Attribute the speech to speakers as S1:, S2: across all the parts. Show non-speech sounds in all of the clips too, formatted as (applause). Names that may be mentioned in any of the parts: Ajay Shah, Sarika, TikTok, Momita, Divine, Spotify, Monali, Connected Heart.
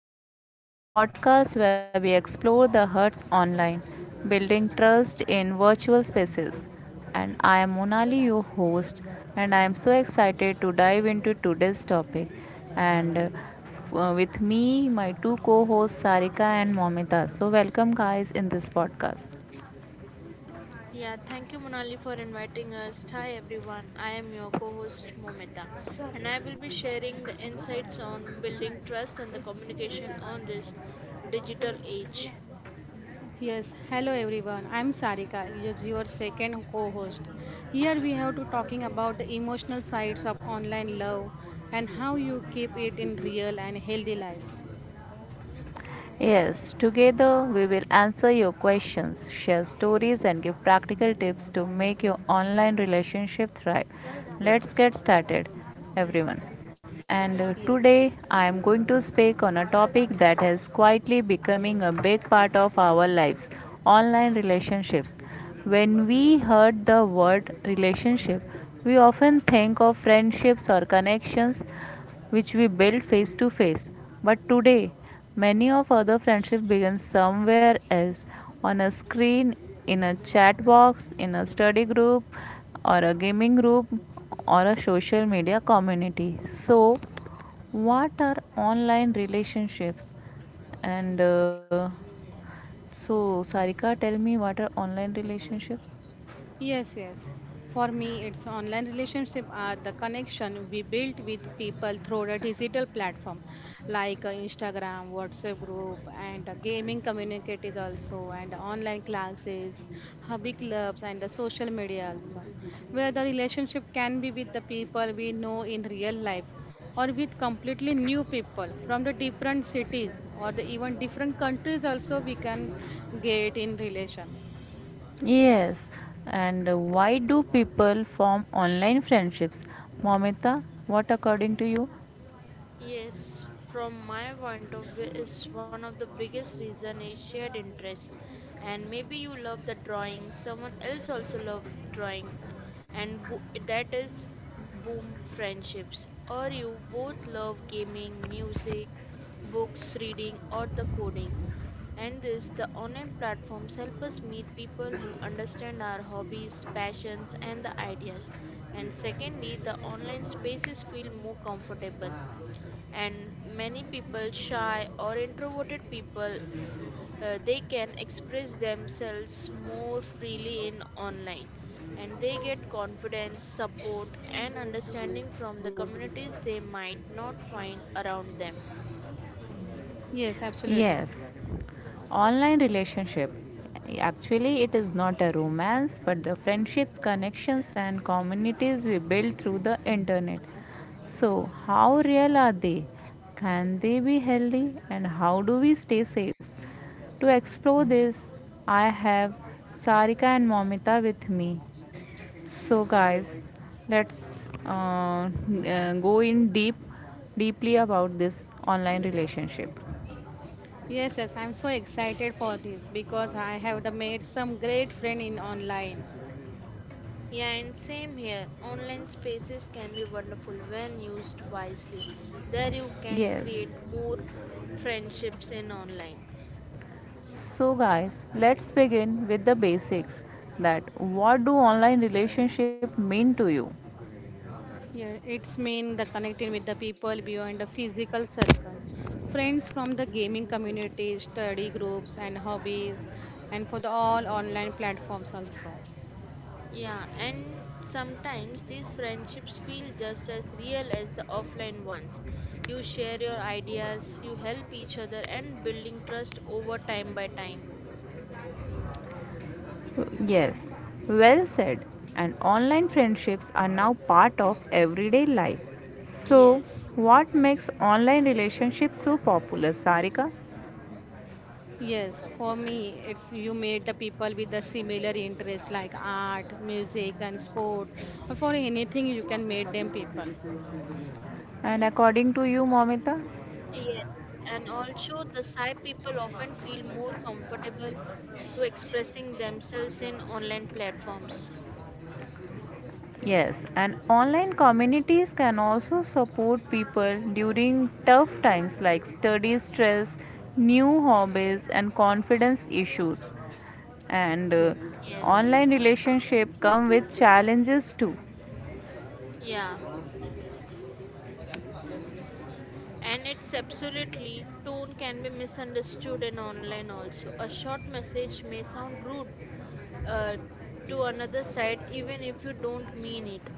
S1: Heart, the podcast where we explore the hearts online, building trust in virtual spaces. And I am Monali, your host, and I am so excited to dive into today's topic. And With me, my two co hosts, Sarika and Momita. So, welcome, guys, in this podcast.
S2: Yeah, thank you, Monali, for inviting us. Hi, everyone. I am your co host, Momita, and I will be sharing the insights on building trust and the communication on this digital age.
S3: Yes, hello everyone. I'm Sarika, your second co-host. Here we have to talking about the emotional sides of online love and how you keep it in real and healthy life.
S1: Yes, together we will answer your questions, share stories, and give practical tips to make your online relationship thrive. Let's get started, everyone. And
S3: Yeah.
S1: Today I am going to speak on a topic that is quietly becoming a big part of our lives, online relationships. When we heard the word relationship, we often think of friendships or connections which we build face to face. But today, many of other friendships begin somewhere else, on a screen, in a chat box, in a study group, or a gaming group, or a social media community. So, what are online relationships? And so, Sarika, tell me, what are online relationships?
S3: Yes. For me, it's online relationship are the connection we built with people through the digital platform, like Instagram, WhatsApp group, and gaming communities also, and online classes, hobby clubs, and the social media also, where the relationship can be with the people we know in real life, or with completely new people from the different cities or the even different countries also we can get in relation.
S1: Yes, and why do people form online friendships? Momita, what according to you?
S2: Yes, from my point of view, is one of the biggest reason is shared interest. And maybe you love the drawing, someone else also love drawing, and that is boom friendships. Or you both love gaming, music, books, reading, or the coding. And this, the online platforms help us meet people who understand our hobbies, passions, and the ideas. And secondly, the online spaces feel more comfortable and many people shy or introverted people they can express themselves more freely in online, and they get confidence support and understanding from the communities they might not find around them.
S3: Yes, absolutely.
S1: Yes. Online relationship, actually it is not a romance, but the friendships, connections and communities we build through the internet. So how real are they? Can they be healthy, and how do we stay safe? To explore this, I have Sarika and Momita with me. So guys, let's uh, go in deep deeply about this online relationship.
S3: Yes, yes, I'm so excited for this because I have the made some great friend in online.
S2: Yeah, and same here, online spaces can be wonderful when used wisely. There you can create
S1: Yes.
S2: more friendships in online.
S1: So guys, let's begin with the basics, that what do online relationship mean to you?
S3: Yeah, it's mean the connecting with the people beyond the physical circle. Friends from the gaming community, study groups and hobbies and for the all online platforms also.
S2: Yeah, and sometimes these friendships feel just as real as the offline ones. You share your ideas, you help each other, and building trust over time by time.
S1: Yes, well said. And online friendships are now part of everyday life. So,
S2: Yes,
S1: what makes online relationships so popular, Sarika?
S3: Yes, for me, it's you meet the people with the similar interest like art, music and sport or for anything you can meet them people.
S1: And according to you, Momita?
S2: yes, and also the Psy people often feel more comfortable to expressing themselves in online platforms.
S1: Yes, and online communities can also support people during tough times like study stress, new hobbies, and confidence issues. And
S3: Yes.
S2: Yes,
S1: Online relationship come with challenges too.
S2: yeah, and it's absolutely tone can be misunderstood in online also. A short message may sound rude uh, to another side even if you don't mean it.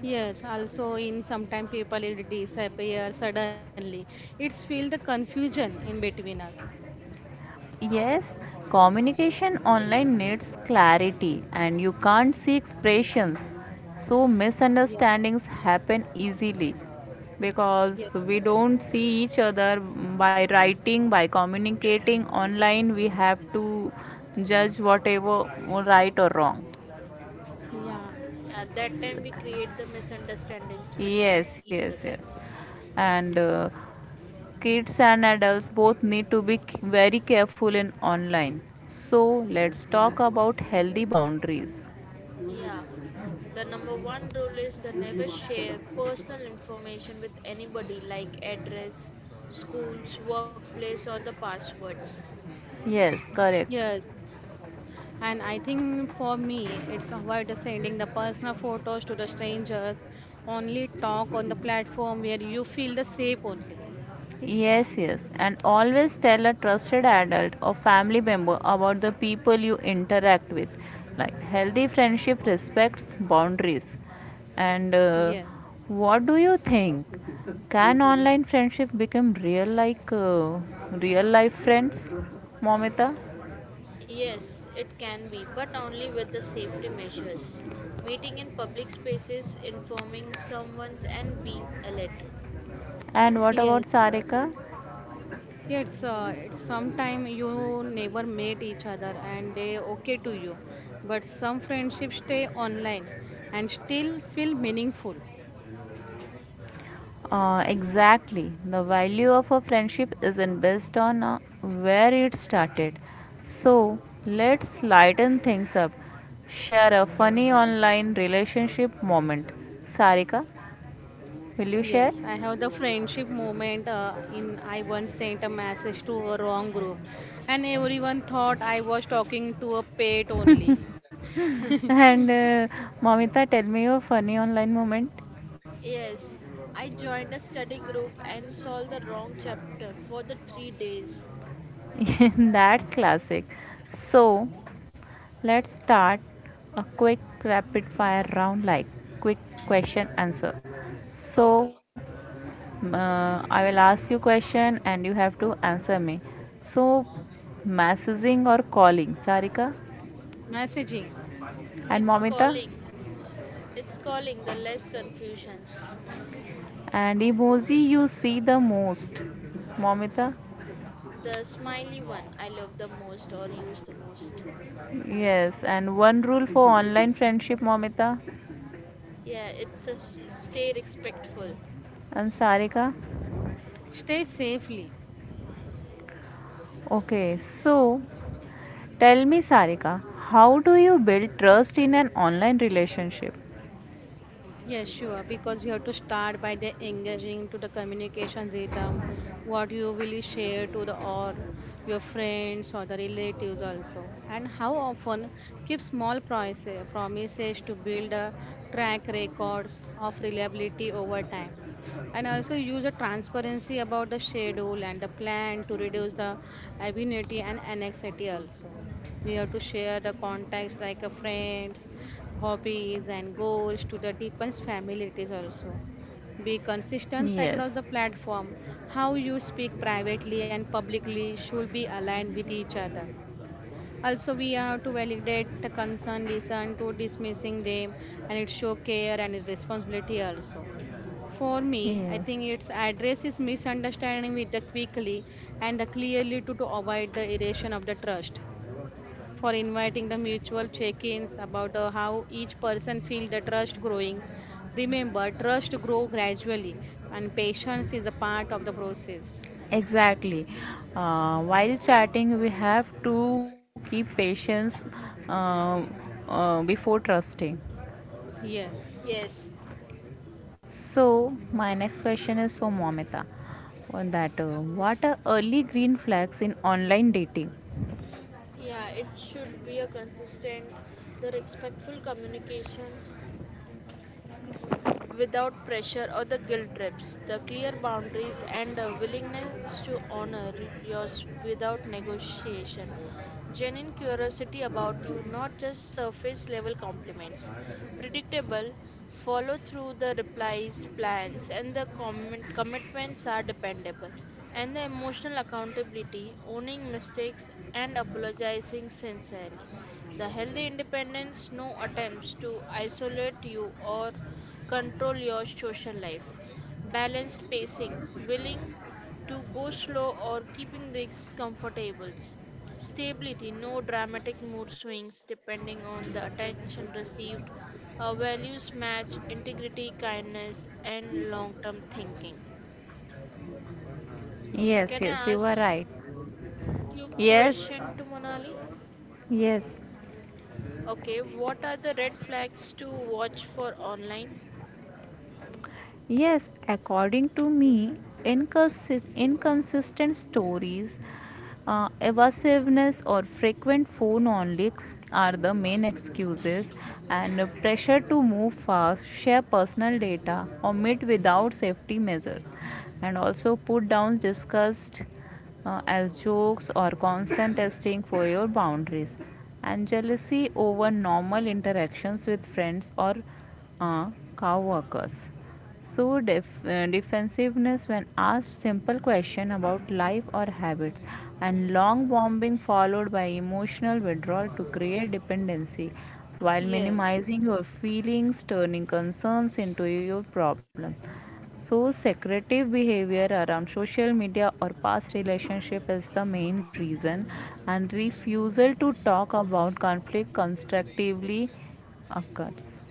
S3: Yes, also in sometime people it disappear suddenly. It's feel the confusion in between us.
S1: Yes, communication online needs clarity and you can't see expressions. So
S3: Yeah,
S1: misunderstandings happen easily
S3: yeah,
S1: because we don't see each other, by writing, by communicating online. We have to judge whatever, right or wrong.
S3: yeah,
S2: Yeah, at that time we create the misunderstandings between
S1: Yes,
S2: each
S1: yes,
S2: other.
S1: yes. And Kids and adults both need to be very careful in online. So let's talk about healthy boundaries.
S2: Yeah, the number one rule is the never share personal information with anybody like address, schools, workplace, or the passwords.
S1: Yes, correct.
S3: yes. And I think for me, it's avoid the sending the personal photos to the strangers. Only talk on the platform where you feel the safe only.
S1: Yes, yes, and always tell a trusted adult or family member about the people you interact with. Like healthy friendship respects boundaries. And
S3: Yes,
S1: What do you think? Can online friendship become real like real life friends, Momita?
S2: Yes, it can be, but only with the safety measures, meeting in public spaces, informing someone, and being alert.
S1: And what about
S3: yes.
S1: Sarika?
S3: Yeah, it's sometime you never met each other and they okay to you, but some friendships stay online and still feel meaningful.
S1: Exactly. The value of a friendship isn't based on where it started. So let's lighten things up. Share a funny online relationship moment. Sarika, will you share?
S3: Yes, I have the friendship moment in I once sent a message to a wrong group and everyone thought I was talking to a pet only.
S1: (laughs) and Mamita, tell me your funny online moment.
S2: Yes, I joined a study group and solved the wrong chapter for the 3 days.
S1: (laughs) That's classic. So let's start a quick rapid fire round, like quick question answer. So
S2: Okay.
S1: I will ask you question and you have to answer me. So, messaging or calling, Sarika?
S3: Messaging.
S1: And
S2: It's
S1: Momita?
S2: calling. It's calling the less confusions.
S1: And emoji you see the most, Momita?
S2: The smiley one I love the most or use the most.
S1: Yes, and one rule for online friendship, Momita?
S2: Yeah, it's a stay respectful.
S1: And Sarika?
S3: Stay safely.
S1: Okay, so, tell me, Sarika, how do you build trust in an online relationship?
S3: Yes, sure. Because you have to start by the engaging to the communication rhythm, what you will share to the or your friends or the relatives also, and how often keep small promises to build a track records of reliability over time, and also use a transparency about the schedule and the plan to reduce the ambiguity and anxiety also. We have to share the contacts like a friends, hobbies, and goals to the deepens families also. Be consistent across the
S1: Yes,
S3: platform. How you speak privately and publicly should be aligned with each other. Also, we have to validate the concern, listen to dismissing them, and it show care and its responsibility also. For me, I
S1: yes,
S3: think its address is misunderstanding with the quickly and the clearly to avoid the erosion of the trust for inviting the mutual check-ins about how each person feel the trust growing. Remember, trust grow gradually and patience is a part of the process.
S1: exactly. While chatting, we have to keep patience uh, before trusting.
S3: Yes.
S2: Yes.
S1: So, my next question is for Momita. On that, what are early green flags in online dating?
S2: Yeah, it should be a consistent, the respectful communication without pressure or the guilt trips, the clear boundaries, and the willingness to honor yours without negotiation. Genuine curiosity about you, not just surface level compliments. Predictable, follow through the replies, plans, and the commitments are dependable. And the emotional accountability, owning mistakes and apologizing sincerely. The healthy independence, no attempts to isolate you or control your social life. Balanced pacing, willing to go slow or keeping things comfortable. Stability, no dramatic mood swings depending on the attention received. Our values match integrity, kindness, and long term thinking.
S1: Yes,
S2: Can
S1: yes, you
S2: I
S1: are
S2: ask
S1: right.
S2: you question to Monali?
S1: Yes, yes.
S2: Okay, what are the red flags to watch for online?
S1: Yes, according to me, inconsistent stories, evasiveness, or frequent phone on leaks are the main excuses, and pressure to move fast, share personal data, or meet without safety measures, and also put downs discussed as jokes or constant testing for your boundaries, and jealousy over normal interactions with friends or uh, co-workers. So defensiveness when asked simple question about life or habits, and long bombing followed by emotional withdrawal to create dependency while
S3: Yes.
S1: minimizing your feelings, turning concerns into your problem. So, secretive behavior around social media or past relationship is the main reason, and refusal to talk about conflict constructively occurs.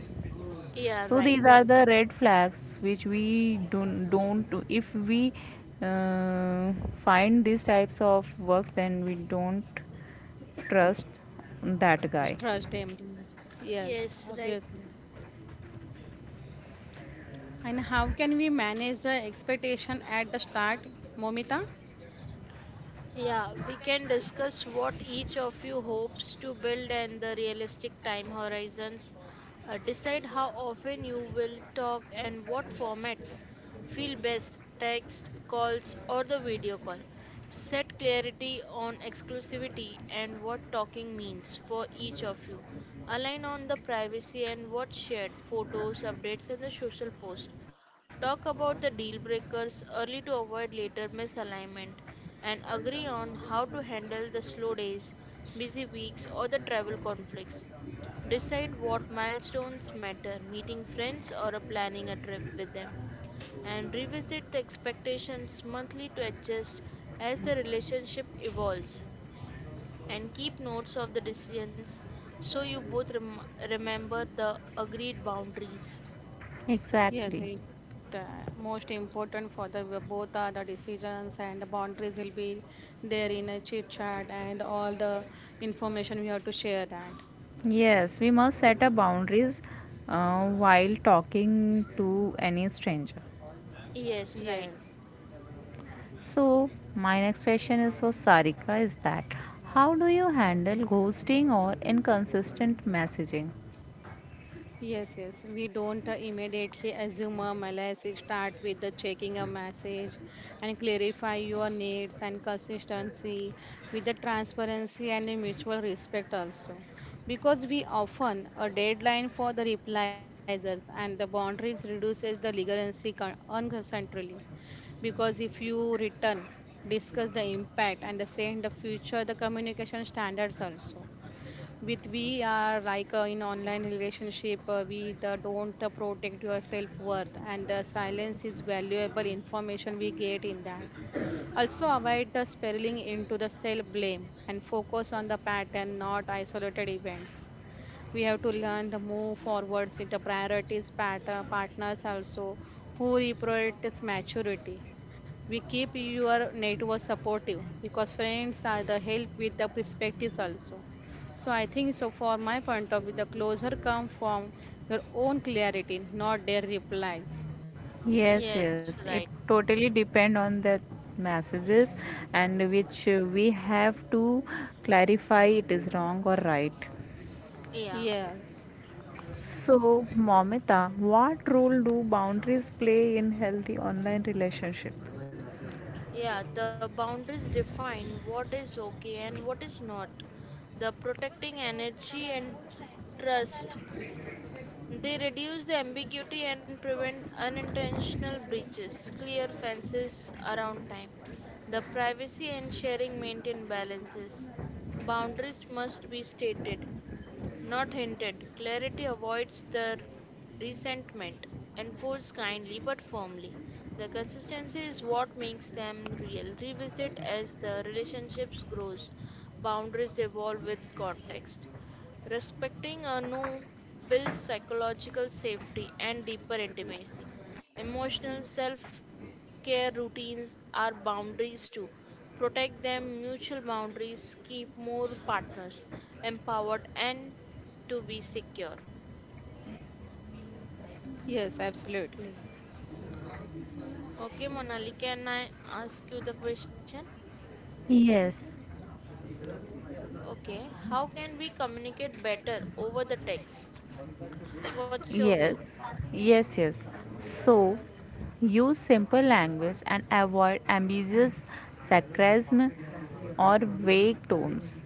S2: Yeah,
S1: So, these
S2: right.
S1: are the red flags which we don't, if we uh, find these types of work, then we don't trust that guy.
S3: Trust them. Yes,
S2: Yes, right.
S3: obviously. And how can we manage the expectation at the start, Momita?
S2: Yeah, we can discuss what each of you hopes to build and the realistic time horizons. Decide how often you will talk and what formats feel best text, calls, or the video call. Set clarity on exclusivity and what talking means for each of you. Align on the privacy and what shared photos, updates, and the social post. Talk about the deal breakers early to avoid later misalignment, and agree on how to handle the slow days, busy weeks, or the travel conflicts. Decide what milestones matter, meeting friends or a planning a trip with them, and revisit the expectations monthly to adjust as the relationship evolves. And keep notes of the decisions so you both remember the agreed boundaries.
S3: Yes,
S1: Exactly.
S3: it most important for the both are the decisions and the boundaries will be there in a chit chat and all the information we have to share that.
S1: Yes, we must set up boundaries while talking to any stranger.
S2: Yes, right.
S3: Yes.
S1: So, my next question is for Sarika, is that how do you handle ghosting or inconsistent messaging?
S3: Yes, yes. We don't immediately assume a malaise. Start with the checking a message and clarify your needs and consistency with the transparency and the mutual respect also. Because we often a deadline for the replies and the boundaries reduces the legacy unconsensually. Because if you return, discuss the impact and the send the future the communication standards also with we are like in online relationship we the don't protect your self worth and the silence is valuable information we get in that also avoid the spiraling into the self blame and focus on the pattern not isolated events. We have to learn the move forwards into priorities partners also who reprioritize maturity. We keep your network supportive because friends are the help with the perspectives also. So I think so for my point of view the closer come from your own clarity not their replies.
S1: Yes, yes,
S2: Yes,
S1: it
S2: right.
S1: totally depend on the messages, and which we have to clarify it is wrong or right.
S2: Yeah,
S3: Yes,
S1: So, Momita, what role do boundaries play in healthy online relationship?
S2: yeah, the boundaries define what is okay and what is not. The protecting energy and trust. They reduce the ambiguity and prevent unintentional breaches, clear fences around time. The privacy and sharing maintain balances. Boundaries must be stated, not hinted, clarity avoids the resentment. Enforce kindly but firmly. The consistency is what makes them real. Revisit as the relationships grows. Boundaries evolve with context. Respecting a no builds psychological safety and deeper intimacy. Emotional self care routines are boundaries too. Protect them, mutual boundaries, keep more partners empowered and to be secure.
S3: yes, absolutely.
S2: Okay, Monali, can I ask you the question?
S1: Yes.
S2: Okay, how can we communicate better over the text? What's your view?
S1: Yes, yes, yes. So, use simple language and avoid ambiguous sarcasm or vague tones.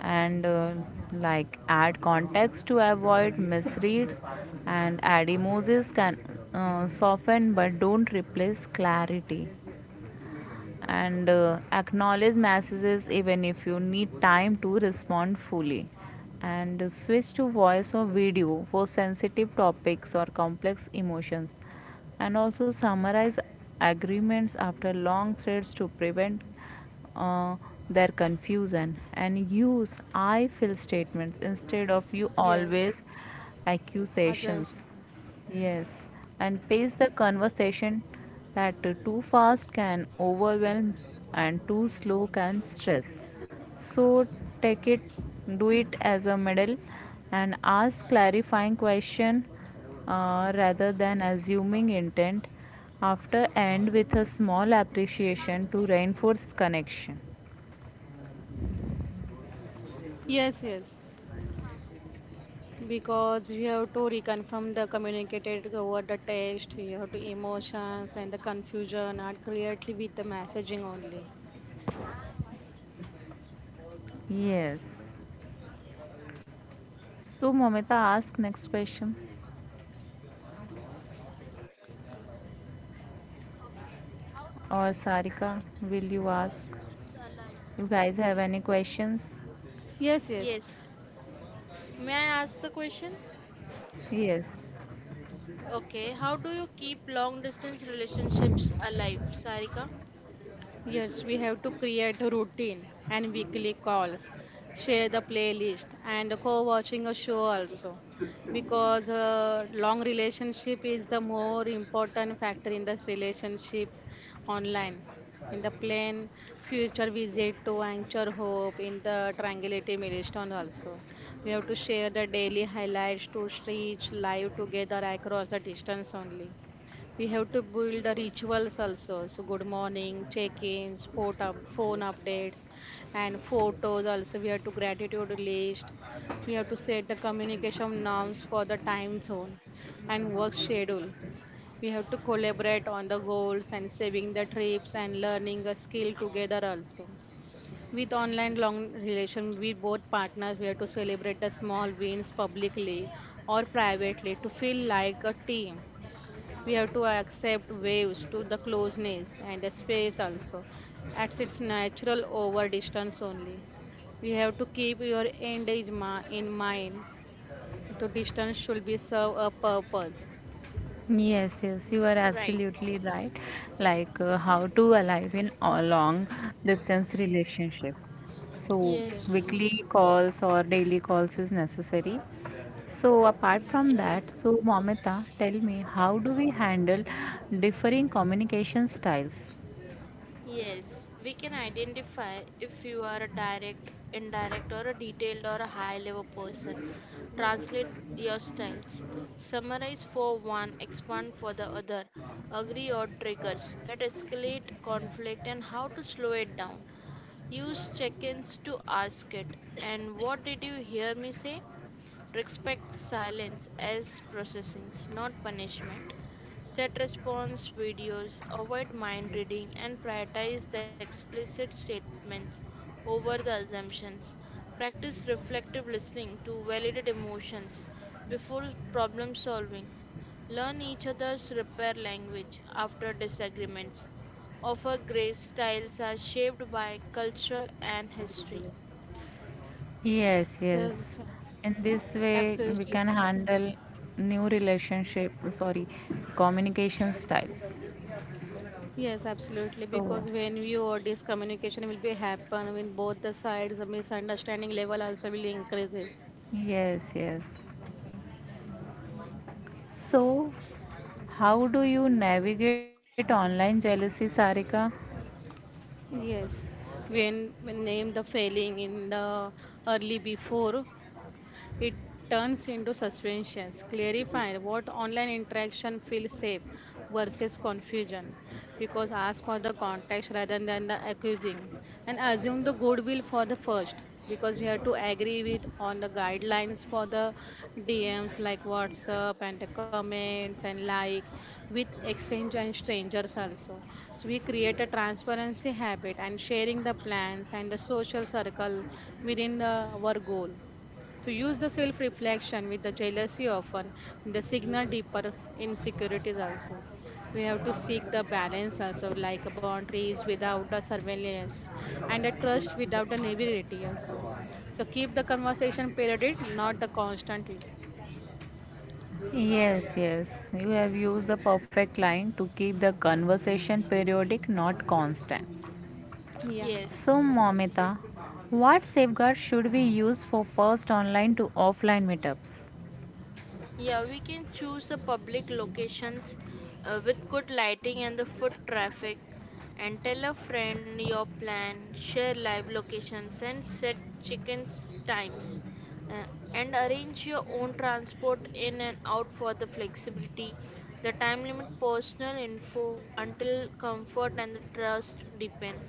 S1: And Like, add context to avoid misreads, and add emojis can soften but don't replace clarity, and acknowledge messages even if you need time to respond fully, and switch to voice or video for sensitive topics or complex emotions, and also summarize agreements after long threads to prevent uh, their confusion, and use I feel statements instead of you
S3: Yes,
S1: always
S3: Ajay
S1: accusations.
S3: Shah.
S1: Yes, and pace the conversation, that too fast can overwhelm and too slow can stress. So take it, do it as a middle, and ask clarifying question rather than assuming intent. After end with a small appreciation to reinforce connection.
S3: Yes, yes, because you have to reconfirm the communicated over the text, you have to emotions and the confusion are clearly with the messaging only.
S1: Yes. So Mamita, ask next question. Or Sarika, will you ask? You guys have any questions?
S3: Yes, yes.
S2: Yes, may I ask the question?
S1: Yes.
S2: Okay, how do you keep long distance relationships alive, Sarika?
S3: Yes, we have to create a routine and weekly calls, share the playlist, and co-watching a show also, because long relationship is the more important factor in this relationship online. In the plan, future visit to anchor hope in the triangulative milestone also. We have to share the daily highlights to reach live together across the distance only. We have to build the rituals also, so good morning check-ins phone updates and photos also. We have to gratitude list. We have to set the communication norms for the time zone and work schedule. We have to collaborate on the goals and saving the trips and learning a skill together also. With online long relation with both partners, we have to celebrate the small wins publicly or privately to feel like a team. We have to accept waves to the closeness and the space also at its natural over distance only. We have to keep your in mind. The distance should be serve a purpose.
S1: Yes, yes, you are
S2: Right.
S1: absolutely right. Like how to alive in a long distance relationship. So
S3: Yes,
S2: Yes.
S1: weekly calls or daily calls is necessary. So apart
S3: yes,
S1: from that, so Momita, tell me, how do we handle differing communication styles?
S2: Yes, we can identify if you are a direct, indirect, or a detailed or a high level person. Translate your styles. Summarize for one, expand for the other. Agree or triggers that escalate conflict and how to slow it down. Use check ins to ask it. And what did you hear me say? Respect silence as processings, not punishment. Set response videos, avoid mind reading, and prioritize the explicit statements over the assumptions. Practice reflective listening to validate emotions before problem solving. Learn each other's repair language after disagreements. Offer grace styles are shaped by cultural and history.
S1: Yes,
S3: yes,
S1: yes. In this way, we
S3: absolutely.
S1: can handle new relationship, sorry, communication styles.
S3: Yes, absolutely.
S1: So,
S3: Because when you or this communication will be happen when both the sides, the misunderstanding level also will increases.
S1: yes, yes. So, how do you navigate online jealousy, Sarika?
S3: Yes, when when name the failing in the early before it turns into suspensions, clarifying what online interaction feels safe versus confusion. Because ask for the context rather than the accusing and assume the goodwill for the first, because we have to agree with on the guidelines for the DMs like WhatsApp and the comments and like with exchange and strangers also. So we create a transparency habit and sharing the plans and the social circle within the, our goal. So use the self reflection with the jealousy often, the signal deeper insecurities also. We have to seek the balance also, like boundaries without the surveillance and a trust without the naivety also. So keep the conversation periodic, not the constantly.
S1: Yes, yes. You have used the perfect line to keep the conversation periodic, not constant.
S3: Yeah,
S2: Yes.
S1: So, Momita, what safeguards should we use for first online to offline meetups?
S2: Yeah, we can choose a public locations with good lighting and the foot traffic, and tell a friend your plan, share live locations and set chickens times, uh, and arrange your own transport in and out for the flexibility. The time limit personal info until comfort and the trust depend.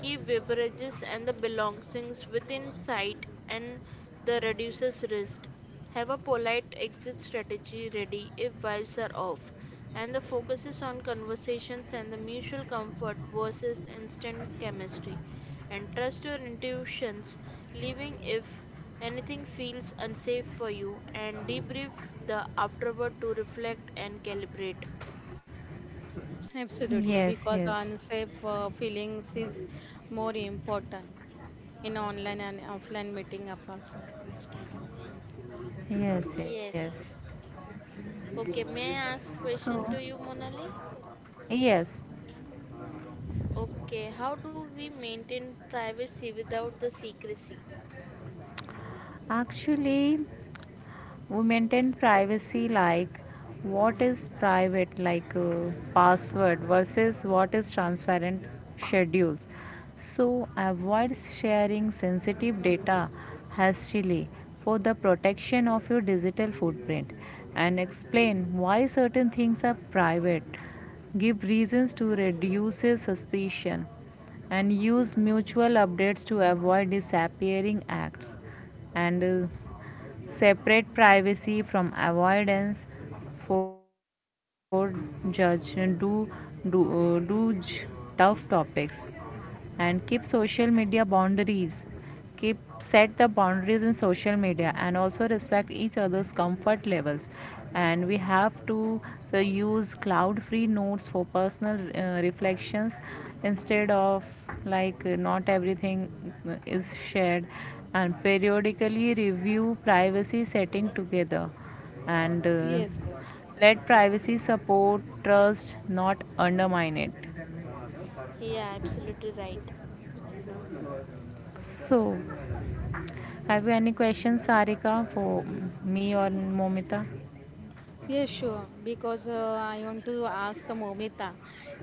S2: Keep beverages and the belongings within sight and the reduces risk, have a polite exit strategy ready if vibes are off, and the focus is on conversations and the mutual comfort versus instant chemistry. And trust your intuitions, leaving if anything feels unsafe for you, and debrief the afterward to reflect and calibrate.
S1: Yes,
S3: absolutely. Because
S1: yes.
S3: unsafe feelings is more important in online and offline meeting apps also.
S1: Yes, yes.
S2: Yes. Okay, may I ask
S1: So,
S2: question to you, Monali?
S1: yes.
S2: Okay, how do we maintain privacy without the secrecy?
S1: Actually, we maintain privacy like what is private, like password versus what is transparent schedules. So avoid sharing sensitive data hastily for the protection of your digital footprint, and explain why certain things are private, give reasons to reduce suspicion, and use mutual updates to avoid disappearing acts, and separate privacy from avoidance for judge, do do tough topics, and keep social media boundaries, keep set the boundaries in social media, and also respect each other's comfort levels, and we have to use cloud free notes for personal reflections, instead of like not everything is shared, and periodically review privacy setting together, and
S3: Yes, yes.
S1: let privacy support trust, not undermine it.
S2: Yeah, absolutely right.
S1: So, have you any questions, Sarika, for me or Momita?
S3: Yeah, sure. Because I want to ask the Momita,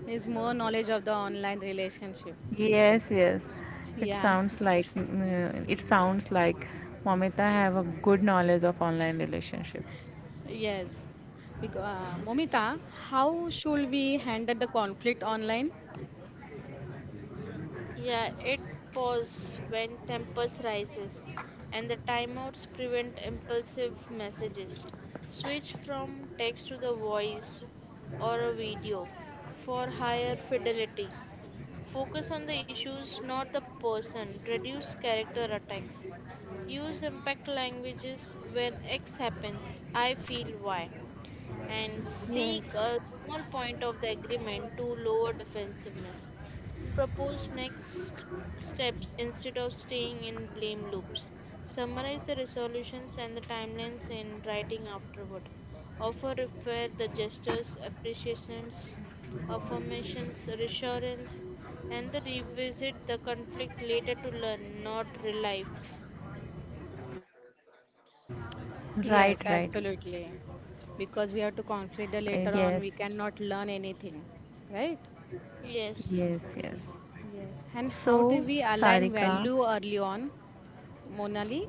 S3: is more knowledge of the online relationship.
S1: Yes, yes. It
S3: Yeah,
S1: sounds
S3: (laughs)
S1: like it sounds like Momita have a good knowledge of online relationship.
S3: yes. Because Momita, how should we handle the conflict online?
S2: Yeah, it pause when tempers rises and the timeouts prevent impulsive messages. Switch from text to the voice or a video for higher fidelity. Focus on the issues, not the person. Reduce character attacks. Use impact languages when X happens, I feel Y, and seek
S3: Yes.
S2: a small point of the agreement to lower defensiveness. Propose next steps instead of staying in blame loops. Summarize the resolutions and the timelines in writing afterward. Offer refer the gestures, appreciations, affirmations, reassurance, and the revisit the conflict later to learn, not relive.
S1: Right, right.
S3: Yes, absolutely. Because we have to conflict the later
S1: Yes,
S3: on, we cannot learn anything, right?
S2: Yes.
S1: yes, yes.
S3: Yes. And how do
S1: So,
S3: we align
S1: Sarika,
S3: value early on, Monali?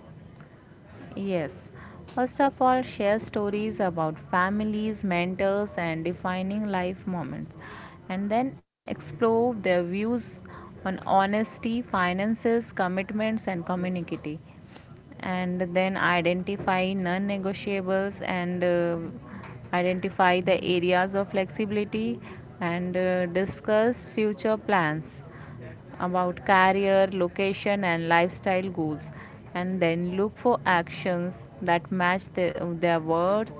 S1: yes. First of all, share stories about families, mentors, and defining life moments. And then explore their views on honesty, finances, commitments, and community. And then identify non negotiables, and identify the areas of flexibility, and discuss future plans about career, location, and lifestyle goals, and then look for actions that match the, their words,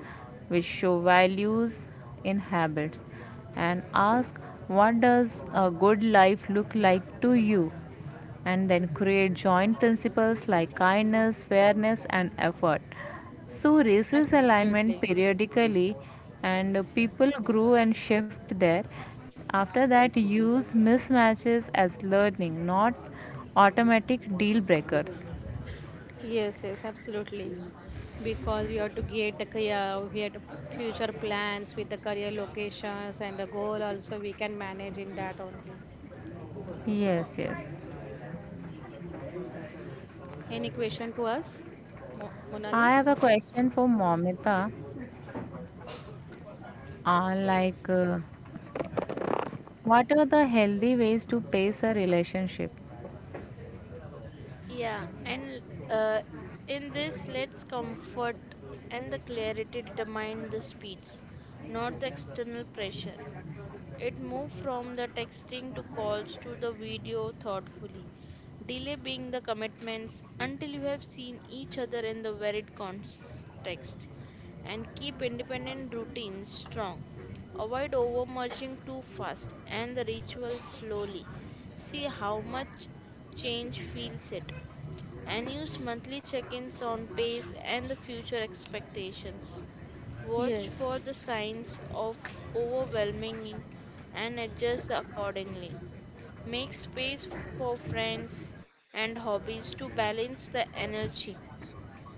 S1: which show values in habits, and ask, what does a good life look like to you, and then create joint principles like kindness, fairness, and effort. So, races
S3: Absolutely.
S1: alignment periodically, and people grow and shift there. After that, use mismatches as learning, not automatic deal breakers.
S3: Yes, yes, absolutely. Because you have to get the career, we have to future plans with the career locations and the goal also we can manage in that only.
S1: Yes, yes.
S3: Any question to us,
S1: I
S3: Monali?
S1: have a question for Momita.
S2: Yes.
S1: Like, what are the healthy ways to pace a relationship?
S2: Yeah, and uh, in this, let's comfort and the clarity determine the speeds, not the external pressure. It moved from the texting to calls to the video thoughtfully, delay being the commitments until you have seen each other in the varied context, and keep independent routines strong. Avoid overmerging too fast and the ritual slowly. See how much change feels it and use monthly check-ins on pace and the future expectations. Watch
S3: Yes.
S2: for the signs of overwhelming and adjust accordingly. Make space for friends and hobbies to balance the energy.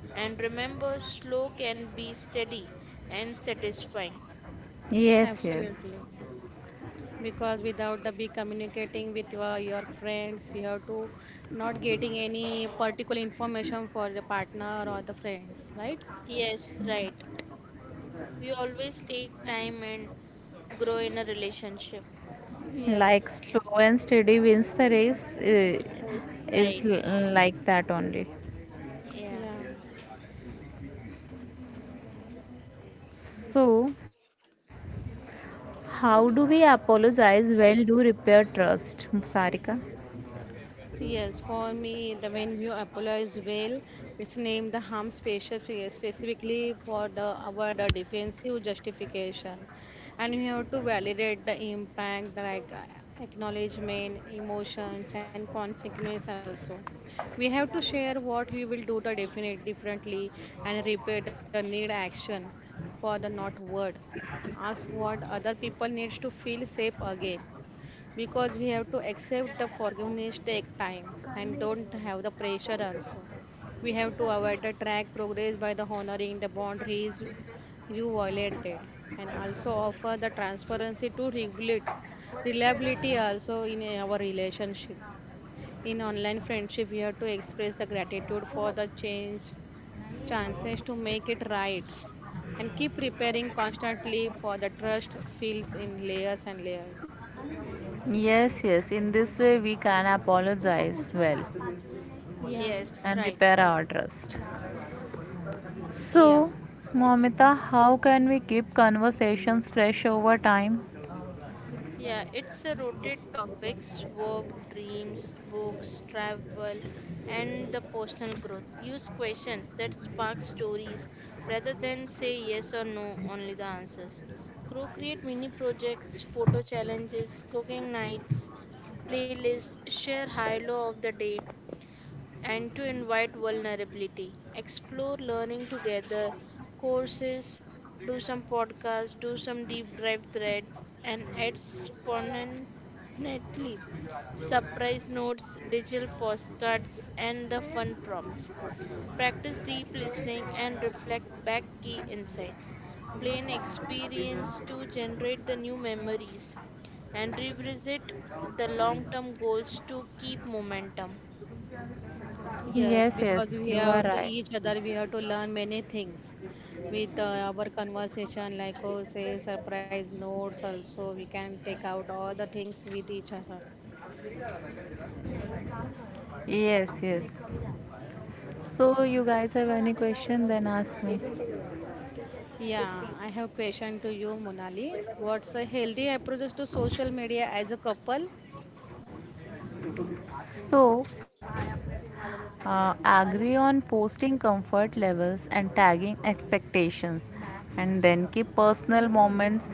S2: And remember, slow can be steady and satisfying.
S1: Yes, yes.
S3: Absolutely. Because without the be communicating with your friends, you have to not getting any particular information for the partner or the friends, right?
S2: Yes, right. We always take time and grow in a relationship.
S3: Yes.
S1: Like slow and steady wins the race,
S2: Yes,
S1: is
S2: right.
S1: like that only.
S2: Yeah.
S3: Yeah.
S1: So, how do we apologize well do repair trust, Sarika?
S3: Yes, for me, the when you apologize well, it's named the harm special specifically for the our the defensive justification, and we have to validate the impact like acknowledgement, emotions, and consequence also. We have to share what we will do the definite differently and repair the need action for the not words. Ask what other people needs to feel safe again, because we have to accept the forgiveness take time and don't have the pressure also. We have to avoid the track progress by the honoring the boundaries you violated, and also offer the transparency to regulate reliability also in our relationship. In online friendship, we have to express the gratitude for the change chances to make it right and keep preparing constantly for the trust feels in layers and layers.
S1: Yes, yes. In this way, we can apologize well
S3: Yeah.
S2: Yes,
S1: and
S2: right.
S1: repair our trust.
S2: Yeah.
S1: So, Momita, how can we keep conversations fresh over time?
S2: Yeah, it's a rotate topics work, dreams, books, travel, and the personal growth. Use questions that spark stories rather than say yes or no, only the answers. Create mini projects, photo challenges, cooking nights, playlists, share high low of the day, and to invite vulnerability. Explore learning together, courses, do some podcasts, do some deep dive threads, and add spontaneously surprise notes, digital postcards, and the fun prompts. Practice deep listening and reflect back key insights. Plan experience to generate the new memories and revisit the long term goals to keep momentum.
S3: Yes,
S1: Yes,
S3: because
S1: yes.
S3: we
S1: You are
S3: have to
S1: right.
S3: each other, we have to learn many things with our conversation, like oh, say surprise notes. Also, we can take out all the things with each other.
S1: Yes, yes. So, you guys have any question? Then ask me.
S3: Yeah, I have question to you, Monali. What's a healthy approach to social media as a couple?
S1: So, agree on posting comfort levels and tagging expectations, and then keep personal moments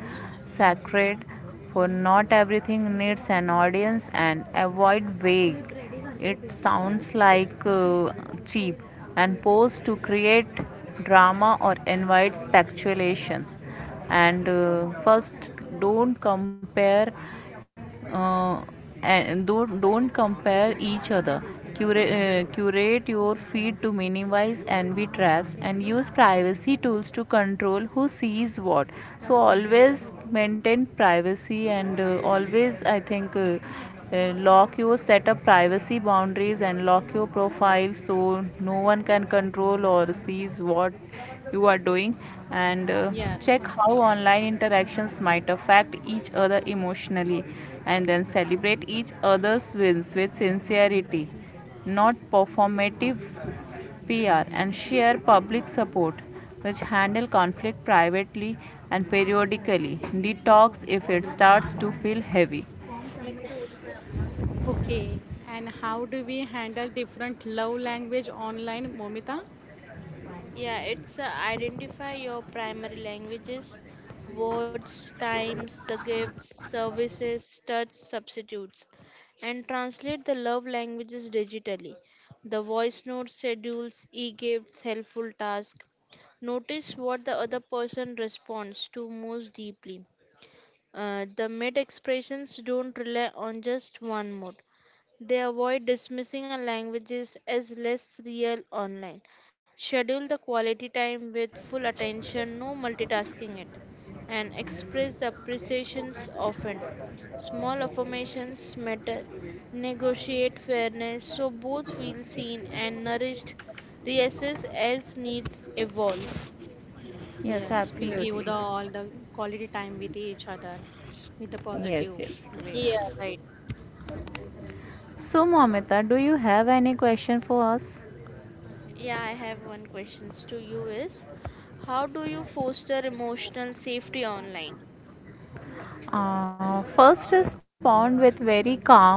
S1: sacred, for not everything needs an audience, and avoid vague, it sounds like cheap, and post to create drama or invite speculations, and first don't compare, uh, and don't compare each other, curate, curate your feed to minimize envy traps, and use privacy tools to control who sees what. So always maintain privacy, and always I think lock your setup privacy boundaries and lock your profile so no one can control or sees what you are doing, and
S3: Yes.
S1: check how online interactions might affect each other emotionally, and then celebrate each other's wins with sincerity, not performative PR, and share public support, which handle conflict privately and periodically. Detox if it starts to feel heavy.
S2: मेरे को.
S3: Okay. And how do we handle different love language online, Momita?
S2: Yeah, it's identify your primary languages, words, times, the gifts, services, touch, substitutes, and translate the love languages digitally. The voice notes schedules, e gifts, helpful tasks. Notice what the other person responds to most deeply. The mid expressions don't rely on just one mode. They avoid dismissing our languages as less real online. Schedule the quality time with full attention, no multitasking it, and express the appreciations often. Small affirmations matter. Negotiate fairness so both feel seen and nourished. Reassess as needs evolve.
S1: Yes,
S3: Yes, we give
S1: absolutely.
S3: the all the quality time with each other with the
S1: Yes,
S3: positive
S1: yes.
S3: way.
S2: Yeah, right.
S1: So, Momita, do you have any question for us?
S2: Yeah, I have one questions to you is how do you foster emotional safety online?
S1: First, respond with very calm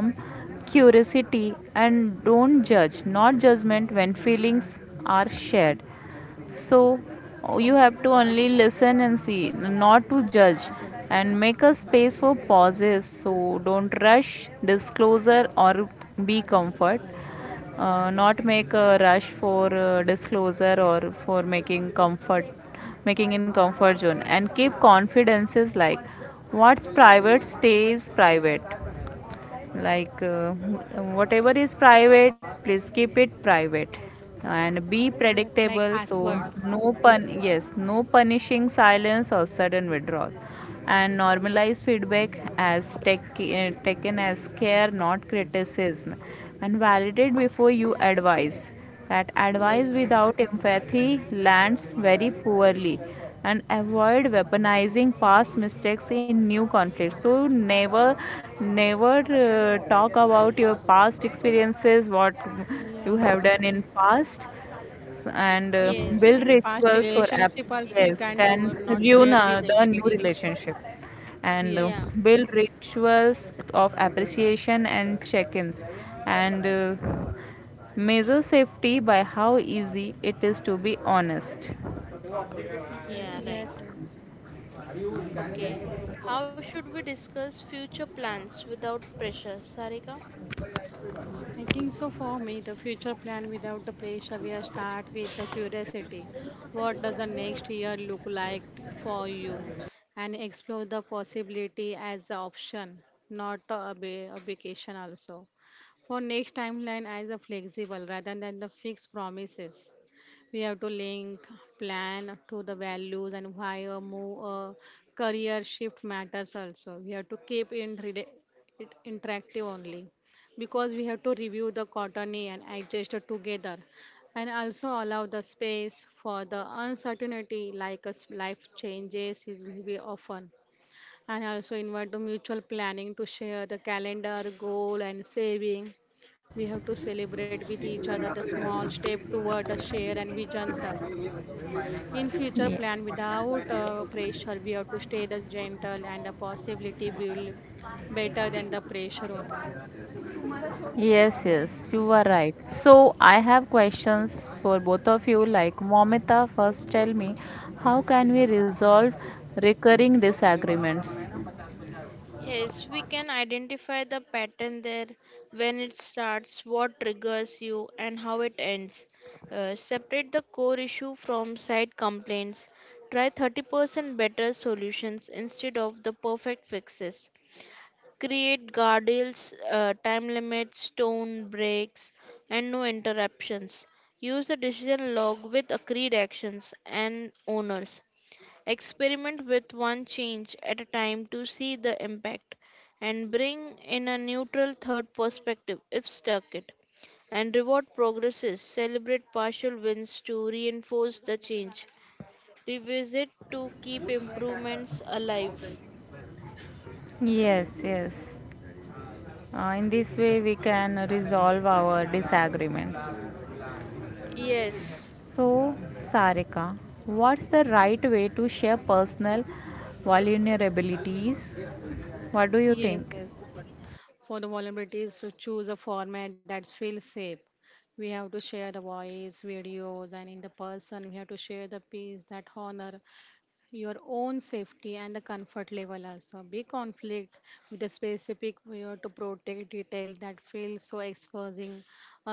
S1: curiosity and don't judge, not judgment when feelings are shared. So, you have to only listen and see, not to judge, and make a space for pauses. So, don't rush disclosure or be comfort not make a rush for disclosure or for making comfort making in comfort zone, and keep confidences, like what's private stays private like whatever is private, please keep it private, and be
S3: Yes, like
S1: predictable. So
S3: password.
S1: no pun Yes, no punishing silence or sudden withdrawal, and normalize feedback as taken as care, not criticism, and validate before you advise, that advice
S3: Yes.
S1: without empathy lands very poorly, and avoid weaponizing past mistakes in new conflicts. So never talk about your past experiences, what you
S3: Yeah.
S1: have done in past. And
S2: Yes.
S1: Build
S3: And past
S1: rituals for app,
S3: relationship also you
S1: yes,
S3: can
S1: can
S3: do not
S1: ruin
S3: share with
S1: the new
S3: anybody.
S1: relationship. And
S3: Yes.
S2: Yeah,
S1: Build rituals of appreciation and check-ins, and measure safety by how easy it is to be honest.
S2: yeah, right.
S3: Yes, yes.
S2: Okay. How should we discuss future plans without pressure, Sarika?
S3: I think so for me, the future plan without the pressure will start with the curiosity. What does the next year look like for you? And explore the possibility as an option, not a obligation also. For next timeline as a flexible rather than the fixed promises. We have to link plan to the values and why a career shift matters also. We have to keep it interactive only, because we have to review the courtney and adjust it together, and also allow the space for the uncertainty, like as life changes is will be often, and also invite the mutual planning to share the calendar goal and saving. We have to celebrate with each other the small step toward the share and visions also. In future
S1: Ye-
S3: plan without pressure, we have to stay the gentle and the possibility build better than the pressure only.
S1: yes, yes, you are right. So I have questions for both of you. Like, Momita, first tell me, how can we resolve recurring disagreements?
S2: Yes, we can identify the pattern there, when it starts, what triggers you, and how it ends. Separate the core issue from side complaints. Try 30% better solutions instead of the perfect fixes. Create guardrails, time limits, tone breaks, and no interruptions. Use the decision log with agreed actions and owners. Experiment with one change at a time to see the impact and bring in a neutral third perspective if stuck it. And reward progresses, celebrate partial wins to reinforce the change. Revisit to keep improvements alive.
S1: Yes, yes. In this way, we can resolve our disagreements.
S2: Yes.
S1: So, Sarika, what's the right way to share personal vulnerabilities? What do you
S3: Yes,
S1: think?
S3: yes. For the vulnerabilities, to choose a format that feels safe. We have to share the voice, videos, and in the person, we have to share the piece that honor your own safety and the comfort level also. Be conflict with a specific, we have to protect detail that feels so exposing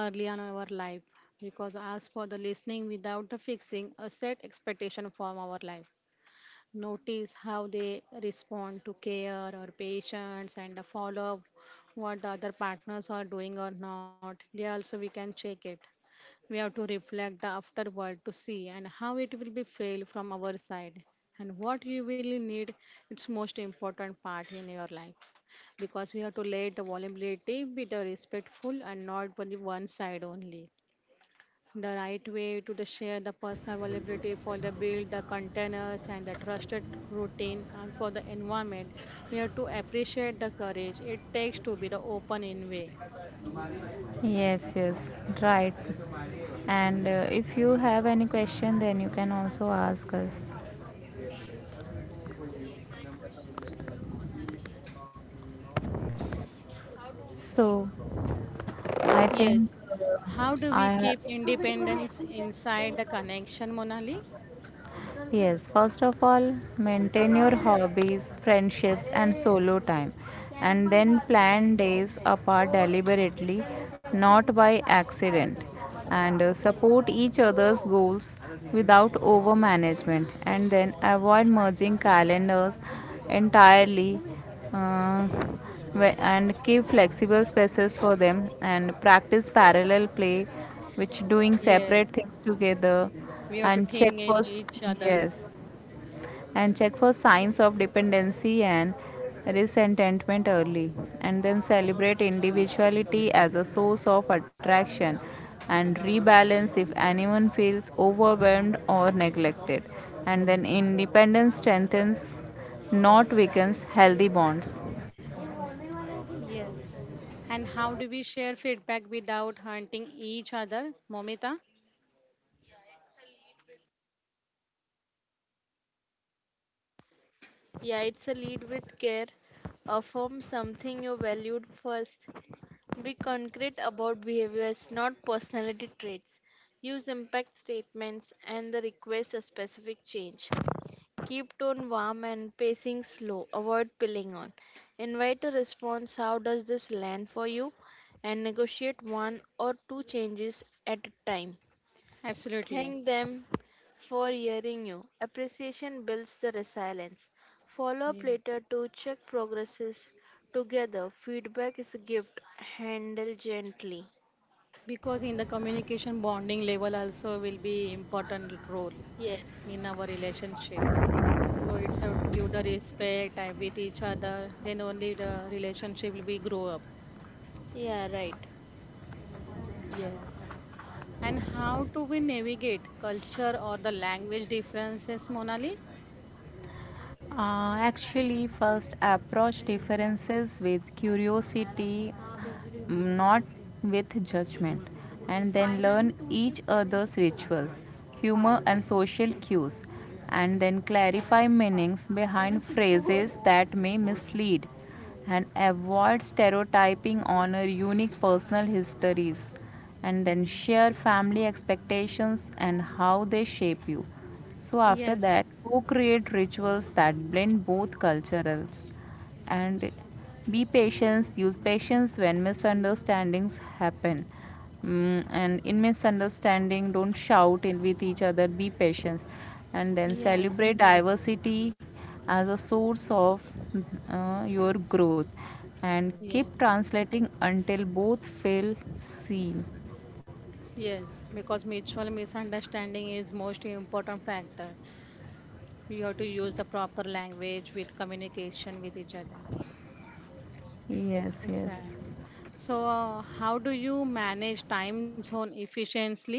S3: early on our life, because ask for the listening without the fixing a set expectation from our life. Notice how they respond to care or patients and follow up what the other partners are doing or not. There also we can check it. We have to reflect the afterward to see and how it will be failed from our side and what you really need, its most important part in your life, because we have to let the vulnerability be the respectful and not only one side only. The right way to the share the personal availability for the build the containers and the trusted routine and for the environment, we have to appreciate the courage it takes to be the open in way.
S1: Yes, yes, right. And if you have any question, then you can also ask us. So, I think
S3: Yes, how do
S1: I
S3: we
S1: have
S3: keep independence inside the connection, Monali?
S1: Yes, first of all, maintain your hobbies, friendships, and solo time, and then plan days apart deliberately, not by accident, and support each other's goals without over management, and then avoid merging calendars entirely. Uh, and keep flexible spaces for them and practice parallel play, which doing
S3: Yes,
S1: separate things together.
S3: we have to
S1: and check
S3: think in
S1: for s-
S3: each other.
S1: yes and check for signs of dependency and resentment early, and then celebrate individuality as a source of attraction, and rebalance if anyone feels overwhelmed or neglected, and then independence strengthens, not weakens, healthy bonds.
S3: Yes, and how do we share feedback without hunting each other, Momita?
S2: Yeah, it's a lead with care. Affirm something you valued first. Be concrete about behaviors, not personality traits. Use impact statements and the request a specific change. Keep tone warm and pacing slow. Avoid piling on. Invite a response how does this land for you? And negotiate one or two changes at a time.
S3: Absolutely.
S2: Thank them for hearing you. Appreciation builds the resilience. Follow up
S3: Yes,
S2: later to check progresses together. Feedback is a gift. Handle gently.
S3: because in the communication, bonding level also will be important role
S2: Yes.
S3: in our relationship, so it's have to give the respect with each other, then only the relationship will be grow up.
S2: Yeah, right.
S3: Yes, and how do we navigate culture or the language differences, Monali?
S1: Actually, first approach differences with curiosity, not with judgment, and then learn each other's rituals, humor, and social cues, and then clarify meanings behind phrases that may mislead, and avoid stereotyping, honor unique personal histories, and then share family expectations and how they shape you. So, after
S3: yes
S1: that, co create rituals that blend both cultures, and be patient, use patience when misunderstandings happen. And in misunderstanding, don't shout in with each other, be patient, and then
S3: yes
S1: celebrate diversity as a source of your growth, and keep
S3: yes
S1: translating until both feel seen.
S3: yes because mutual misunderstanding is most important factor. You have to use the proper language with communication with each other.
S1: Yes,
S3: Exactly.
S1: yes.
S3: So, how do you manage time zone efficiently,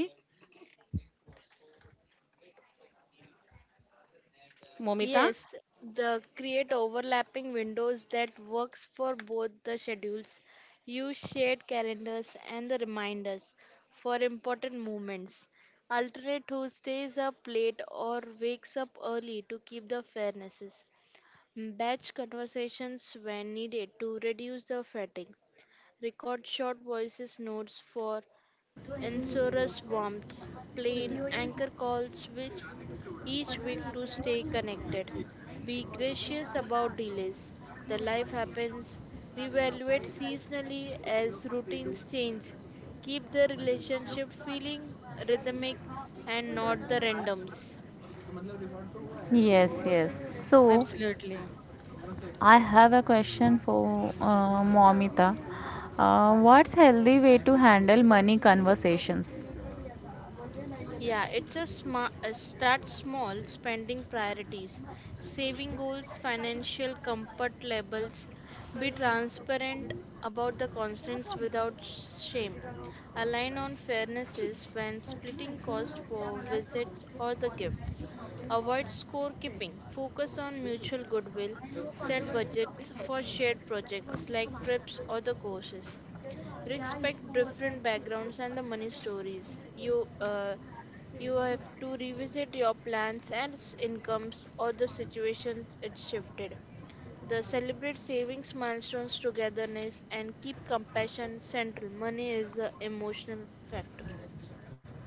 S3: Momita?
S2: Yes, the create overlapping windows that works for both the schedules. Use shared calendars and the reminders for important moments. Alternate who stays up late or wakes up early to keep the fairnesses. Batch conversations when needed to reduce the fatigue. Record short voices notes for insurance warmth. Plain anchor calls which each week to stay connected. Be gracious about delays. The life happens. Reevaluate seasonally as routines change. Keep the relationship feeling rhythmic and not the randoms.
S1: Yes, yes. So,
S3: Absolutely,
S1: I have a question for Momita. What's healthy way to handle money conversations?
S2: Yeah, it's a smart start small spending priorities, saving goals, financial comfort levels, be transparent about the constraints without shame, align on fairnesses when splitting cost for visits or the gifts, avoid scorekeeping, focus on mutual goodwill, set budgets for shared projects like trips or the courses, respect different backgrounds and the money stories. You have to revisit your plans and incomes or the situations it shifted. The celebrate savings milestones togetherness and keep compassion central. Money is an emotional factor.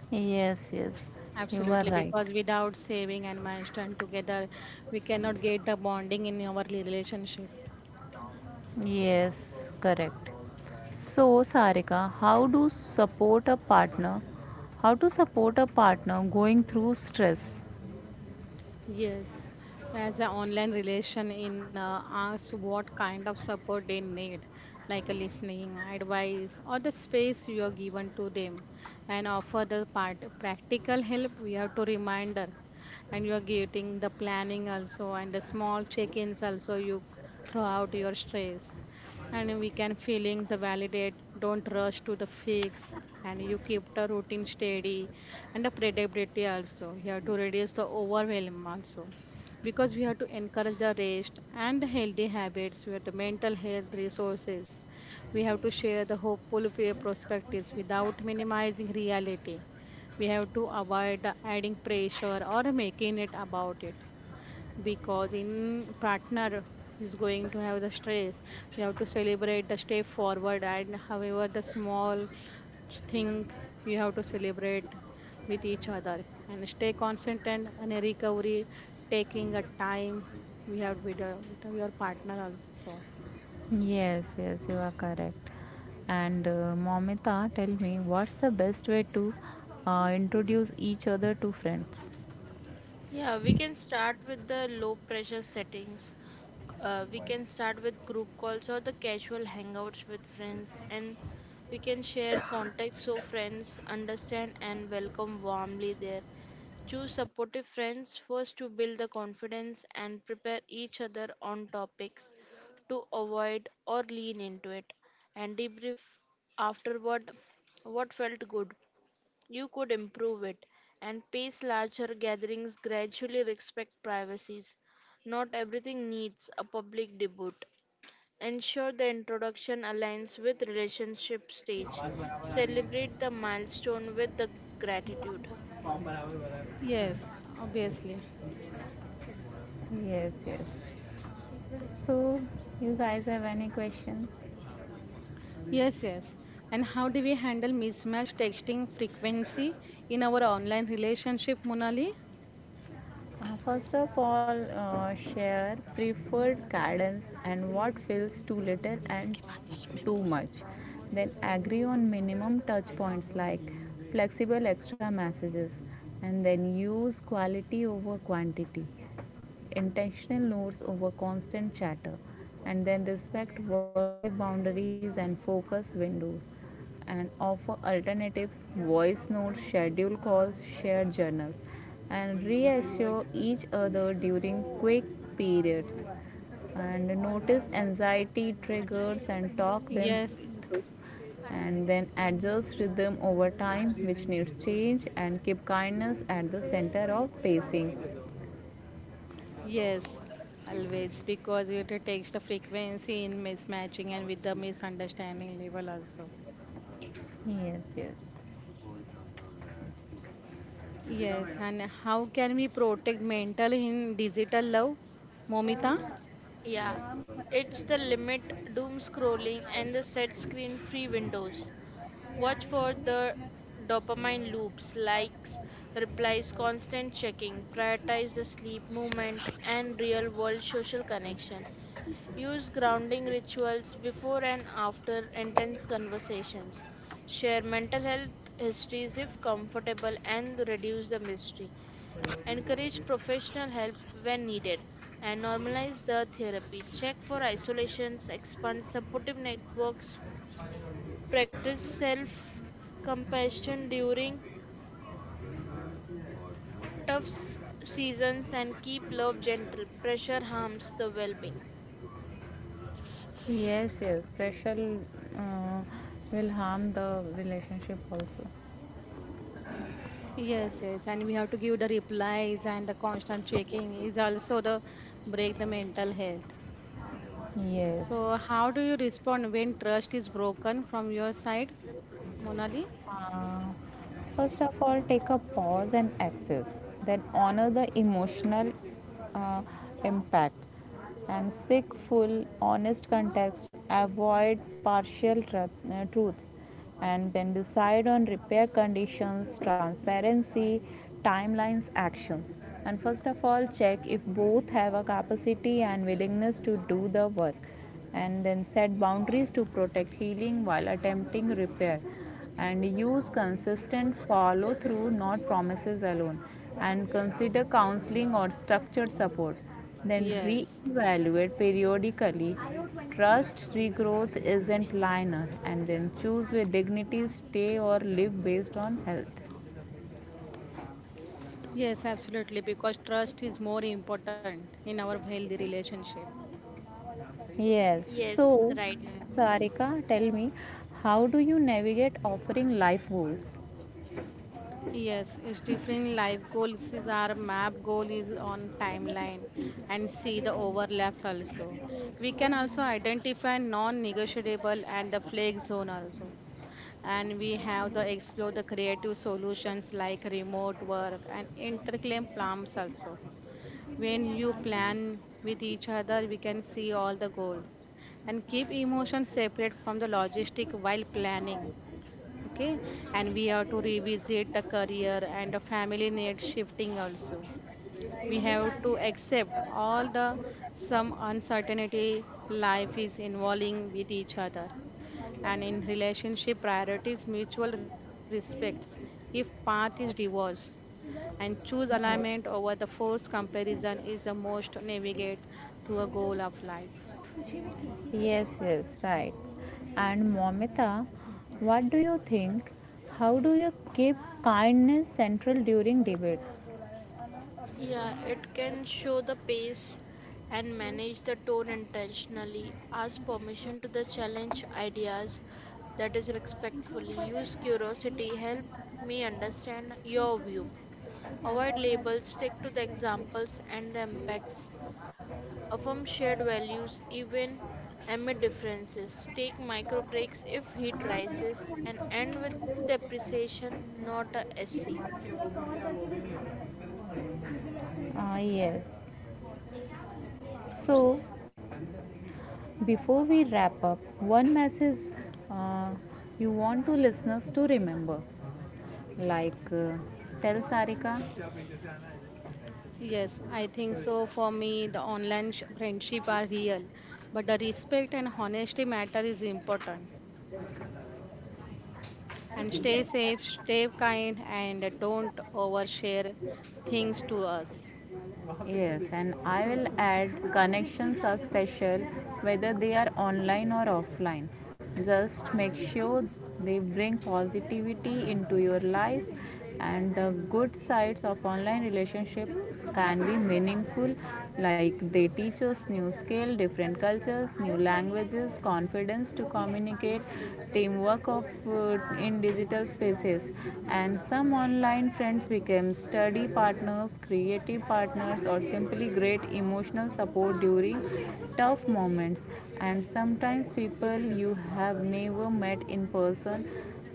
S1: Yes, yes. You are
S3: absolutely.
S1: right.
S3: Because without saving and milestone together, we cannot get the bonding in our relationship.
S1: Yes, correct. So, Sarika, how do support a partner? How to support a partner going through stress?
S3: Yes, as an online relation in asks what kind of support they need, like a listening, advice, or the space you are given to them, and offer the part practical help. We have to reminder, and you are getting the planning also and the small check-ins also. You throw out your stress, and we can feelings the validate, don't rush to the fix, and you keep the routine steady, and the predictability also you have to reduce the overwhelm also, because we have to encourage the rest and the healthy habits, we have the mental health resources, we have to share the hopeful peer perspectives without minimizing reality. We have to avoid the adding pressure or making it about it, because in partner is going to have the stress, you have to celebrate the step forward and however the small thing, you have to celebrate with each other and stay consistent, and a recovery taking a time we have with your partner also.
S1: Yes, yes, you are correct. And Momita, tell me, what's the best way to introduce each other to friends?
S2: Yeah, we can start with the low pressure settings. We can start with group calls or the casual hangouts with friends, and we can share contacts so friends understand and welcome warmly there. Choose supportive friends first to build the confidence and prepare each other on topics to avoid or lean into it and debrief afterward what felt good you could improve it and pace larger gatherings gradually respect privacies. Not everything needs a public debut. Ensure the introduction aligns with relationship stage. Celebrate the milestone with the gratitude.
S3: Yes, obviously.
S1: Yes, yes. So, you guys have any questions?
S3: Yes, yes, and how do we handle mismatch texting frequency in our online relationship, Monali?
S1: First of all, share preferred guidance and what feels too little and too much. Then agree on minimum touch points like flexible extra messages, and then use quality over quantity, intentional notes over constant chatter, and then respect work life boundaries and focus windows, and offer alternatives, voice notes, schedule calls, share journals, and reassure each other during quick periods. And notice anxiety triggers and talk them
S3: Yes, yes.
S1: through, and then adjust rhythm over time which needs change, and keep kindness at the center of pacing.
S3: Yes, always, because it takes the frequency in mismatching and with the misunderstanding level also.
S1: Yes, yes.
S3: Yes, and how can we protect mental in digital love, Momita?
S2: Yeah, it's the limit, doom scrolling, and the set screen free windows. Watch for the dopamine loops, likes, replies, constant checking. Prioritize the sleep, movement, and real world social connection. Use grounding rituals before and after intense conversations. Share mental health histories if comfortable and reduce the mystery. Encourage professional help when needed and normalize the therapy. Check for isolations, expand supportive networks, practice self compassion during tough s- seasons and keep love gentle. Pressure harms the well being.
S1: Yes, yes. Pressure uh, will harm the relationship also.
S3: Yes, yes, and we have to give the replies and the constant checking is also the break the mental health.
S1: Yes.
S3: So how do you respond when trust is broken from your side, Monali?
S1: Uh, First of all, take a pause and access, then honor the emotional uh, impact, and seek full, honest context, avoid truths, and then decide on repair conditions, transparency, timelines, actions. And first of all, check if both have a capacity and willingness to do the work, and then set boundaries to protect healing while attempting repair, and use consistent follow through, not promises alone. And consider counseling or structured support. Then
S3: Yes.
S1: reevaluate periodically. Trust regrowth isn't linear, and then choose with dignity, stay or live based on health.
S3: Yes, absolutely, because trust is more important in our healthy relationship.
S1: Yes.
S2: Yes,
S1: So,
S2: right.
S3: Yeah.
S1: Sarika, tell me, how do you navigate offering life goals?
S3: Yes, it's different life goals is our map goal is on timeline, and see the overlaps also. We can also identify non-negotiable and the flake zone also. And we have the explore the creative solutions like remote work and interclaim plans also. When you plan with each other, we can see all the goals and keep emotions separate from the logistic while planning, okay, and we have to revisit the career and the family need shifting also. We have to accept all the some uncertainty, life is involving with each other, and in relationship priorities mutual respects, if path is divorce and choose alignment
S1: Yes.
S3: over the forced comparison is the most navigate to a goal of life.
S1: Yes, yes, right. And Momita, what do you think? How do you keep kindness central during debates?
S2: Yeah, it can show the pace and manage the tone intentionally. Ask permission to the challenge ideas that is respectfully. Use curiosity, help me understand your view. Avoid labels, stick to the examples and the impacts. Affirm shared values even amid differences, take micro breaks if heat rises, and end with the appreciation, not a SC.
S1: Ah, yes. So, before we wrap up, one message uh, you want to listeners to remember, like tell Sarika.
S3: Yes, I think so. For me, the friendship are real, but the respect and honesty matter is important. And stay safe, stay kind, and don't overshare things to us.
S1: Yes, and I will add, connections are special whether they are online or offline. Just make sure they bring positivity into your life, and the good sides of online relationship can be meaningful, like they teach us new skill, different cultures, new languages, confidence to communicate, teamwork of in digital spaces, and some Online friends became study partners, creative partners, or simply great emotional support during tough moments. And sometimes people you have never met in person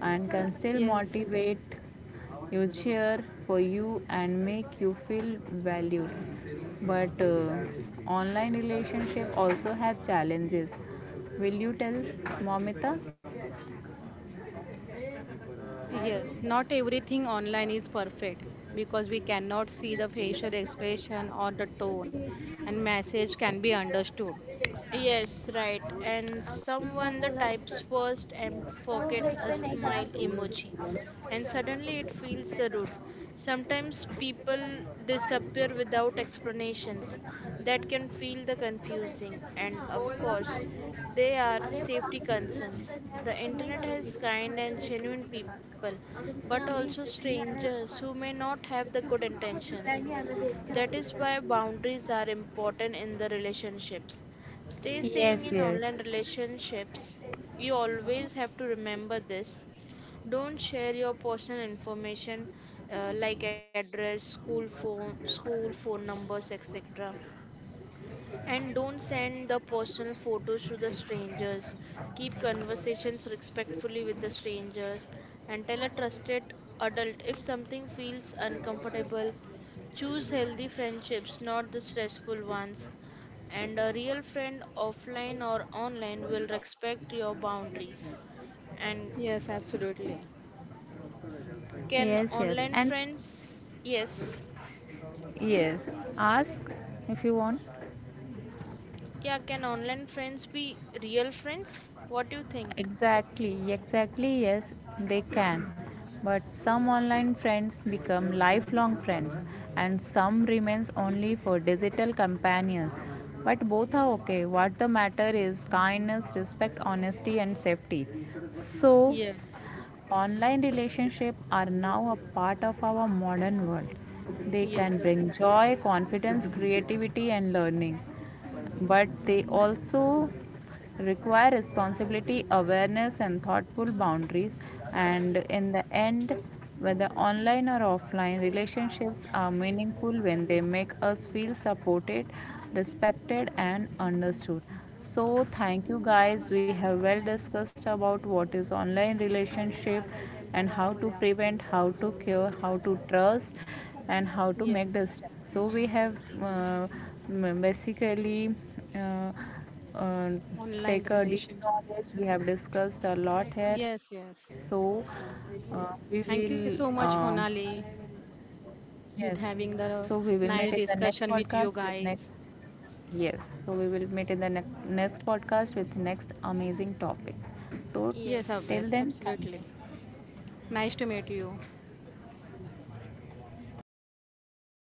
S1: and can still
S3: Yes,
S1: motivate you, cheer for you, and make you feel valued. But online relationship also have challenges. Will you tell, Momita?
S3: yes. Not everything online is perfect, because we cannot see the facial expression or the tone, and message can be understood.
S2: Yes, right. And someone that types first and forgets a smile emoji. And suddenly it feels the rude. Sometimes people disappear without explanations. That can feel the confusing. And of course, they are safety concerns. The internet has kind and genuine people, but also strangers who may not have the good intentions. That is why boundaries are important in the relationships. Stay saying
S1: Yes,
S2: in online
S1: yes.
S2: relationships, you always have to remember this. Don't share your personal information like address, school phone numbers, etc. And don't send the personal photos to the strangers. Keep conversations respectfully with the strangers and tell a trusted adult if something feels uncomfortable. Choose healthy friendships, not the stressful ones. And a real friend, offline or online, will respect your boundaries. And
S3: Yes, absolutely.
S2: can
S1: Yes, yes. And
S2: online friends, yes,
S1: yes, ask if you want.
S2: yeah, can online friends be real friends? What do you think?
S1: Exactly, exactly, yes, they can. But some online friends become lifelong friends, and some remains only for digital companions. But both are okay. What the matter is kindness, respect, honesty and safety. So
S3: Yeah.
S1: online relationships are now a part of our modern world. They can
S3: Yes.
S1: bring joy, confidence, creativity, and learning. But they also require responsibility, awareness, and thoughtful boundaries, and in the end, whether online or offline, relationships are meaningful when they make us feel supported, respected, and understood. So, thank you guys. We have well discussed about what is online relationship, and how to prevent, how to cure, how to trust, and how to make
S3: Yes.
S1: distance. So, we have basically uh, uh,
S3: Online
S1: take a deep
S3: relationship.
S1: knowledge. We have discussed a lot here.
S3: Yes.
S1: So,
S3: Yes.
S1: uh, we will,
S3: Thank you
S1: uh,
S3: so much, Monali,
S1: yes.
S3: with having
S1: So we
S3: the
S1: will meet in the
S3: nice
S1: next
S3: discussion with
S1: podcast
S3: you
S1: with next.
S3: guys.
S1: Yes. So we will meet in the next podcast with next amazing topics. So
S3: Yes,
S2: Yes.
S1: till
S3: Abes,
S1: then, thank
S3: absolutely.
S1: you.
S3: Nice to meet you.